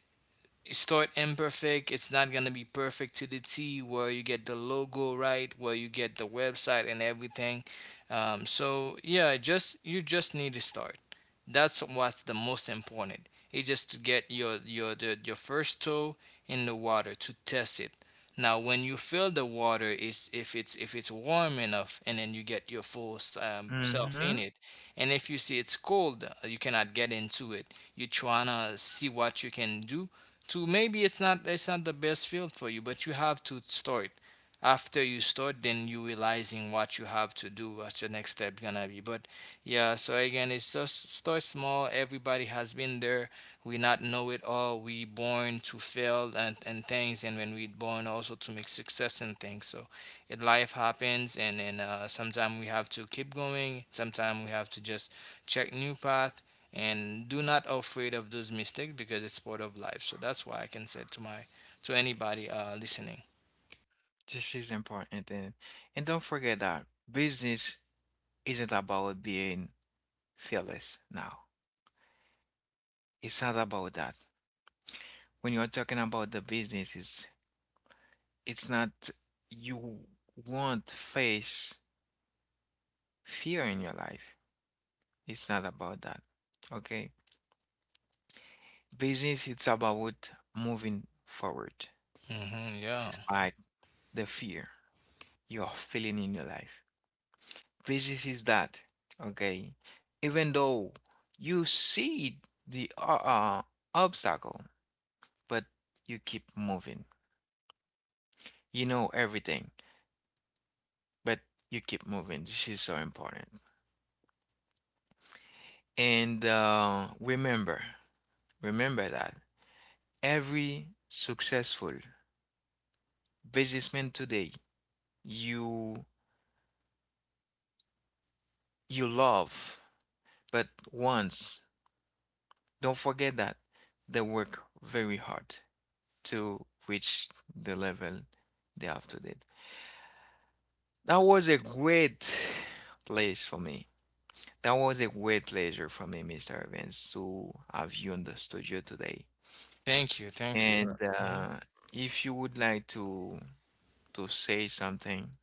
Speaker 2: start imperfect, it's not going to be perfect to the t, where you get the logo right, where you get the website and everything. So yeah, just you just need to start, that's what's the most important. It's just to get your first toe in the water to test it. Now, when you feel the water, is if it's warm enough, and then you get your full self
Speaker 1: Mm-hmm.
Speaker 2: in it. And if you see it's cold, you cannot get into it. You're trying to see what you can do. To maybe it's not the best field for you, but you have to start. After you start, then you realizing what you have to do, what's your next step gonna be. But yeah, so again, it's just start small. Everybody has been there. We not know it all. We born to fail and things, and when we born also to make success and things. So, it life happens, and then sometimes we have to keep going. Sometimes we have to just check new path, and do not afraid of those mistakes, because it's part of life. So that's why I can say to my to anybody listening.
Speaker 1: This is important, and don't forget that business isn't about being fearless now. It's not about that. When you're talking about the business, it's not you won't face fear in your life. It's not about that. Okay? Business it's about moving forward
Speaker 2: Hmm. Yeah,
Speaker 1: despite the fear you're feeling in your life. Physics is that, okay? Even though you see the obstacle, but you keep moving. You know everything, but you keep moving. This is so important. And remember, remember that every successful businessman today, you you love, but once, don't forget that they work very hard to reach the level they have today. That was a great place for me. That was a great pleasure for me, Mr. Evans, to have you in the studio today.
Speaker 2: thank you, thank you.
Speaker 1: And if you would like to say something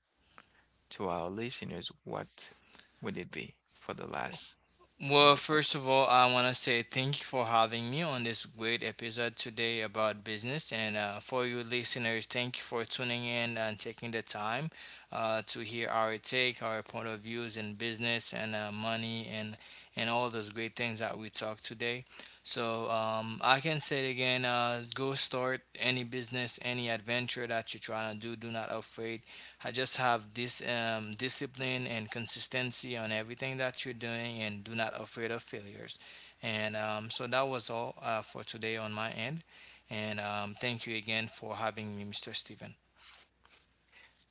Speaker 1: to our listeners, what would it be for the last
Speaker 2: Well,
Speaker 1: word?
Speaker 2: first of all, I want to say thank you for having me on this great episode today about business. And For you listeners, thank you for tuning in and taking the time to hear our take, our point of views in business and money, and all those great things that we talked today. So I can say it again, go start any business, any adventure that you're trying to do. Do not afraid. I just have this discipline and consistency on everything that you're doing, and do not afraid of failures. And So that was all for today on my end. And Thank you again for having me, Mr. Steven.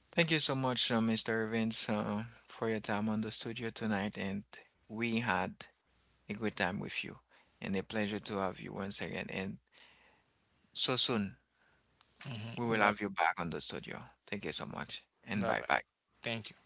Speaker 1: Thank you so much, Mr. Evans, for your time on the studio tonight, and we had a good time with you, and a pleasure to have you once again, and so soon. We will
Speaker 2: Bye
Speaker 1: have you back on the studio. Thank you so much, and
Speaker 2: bye.
Speaker 1: bye bye.
Speaker 2: Thank you.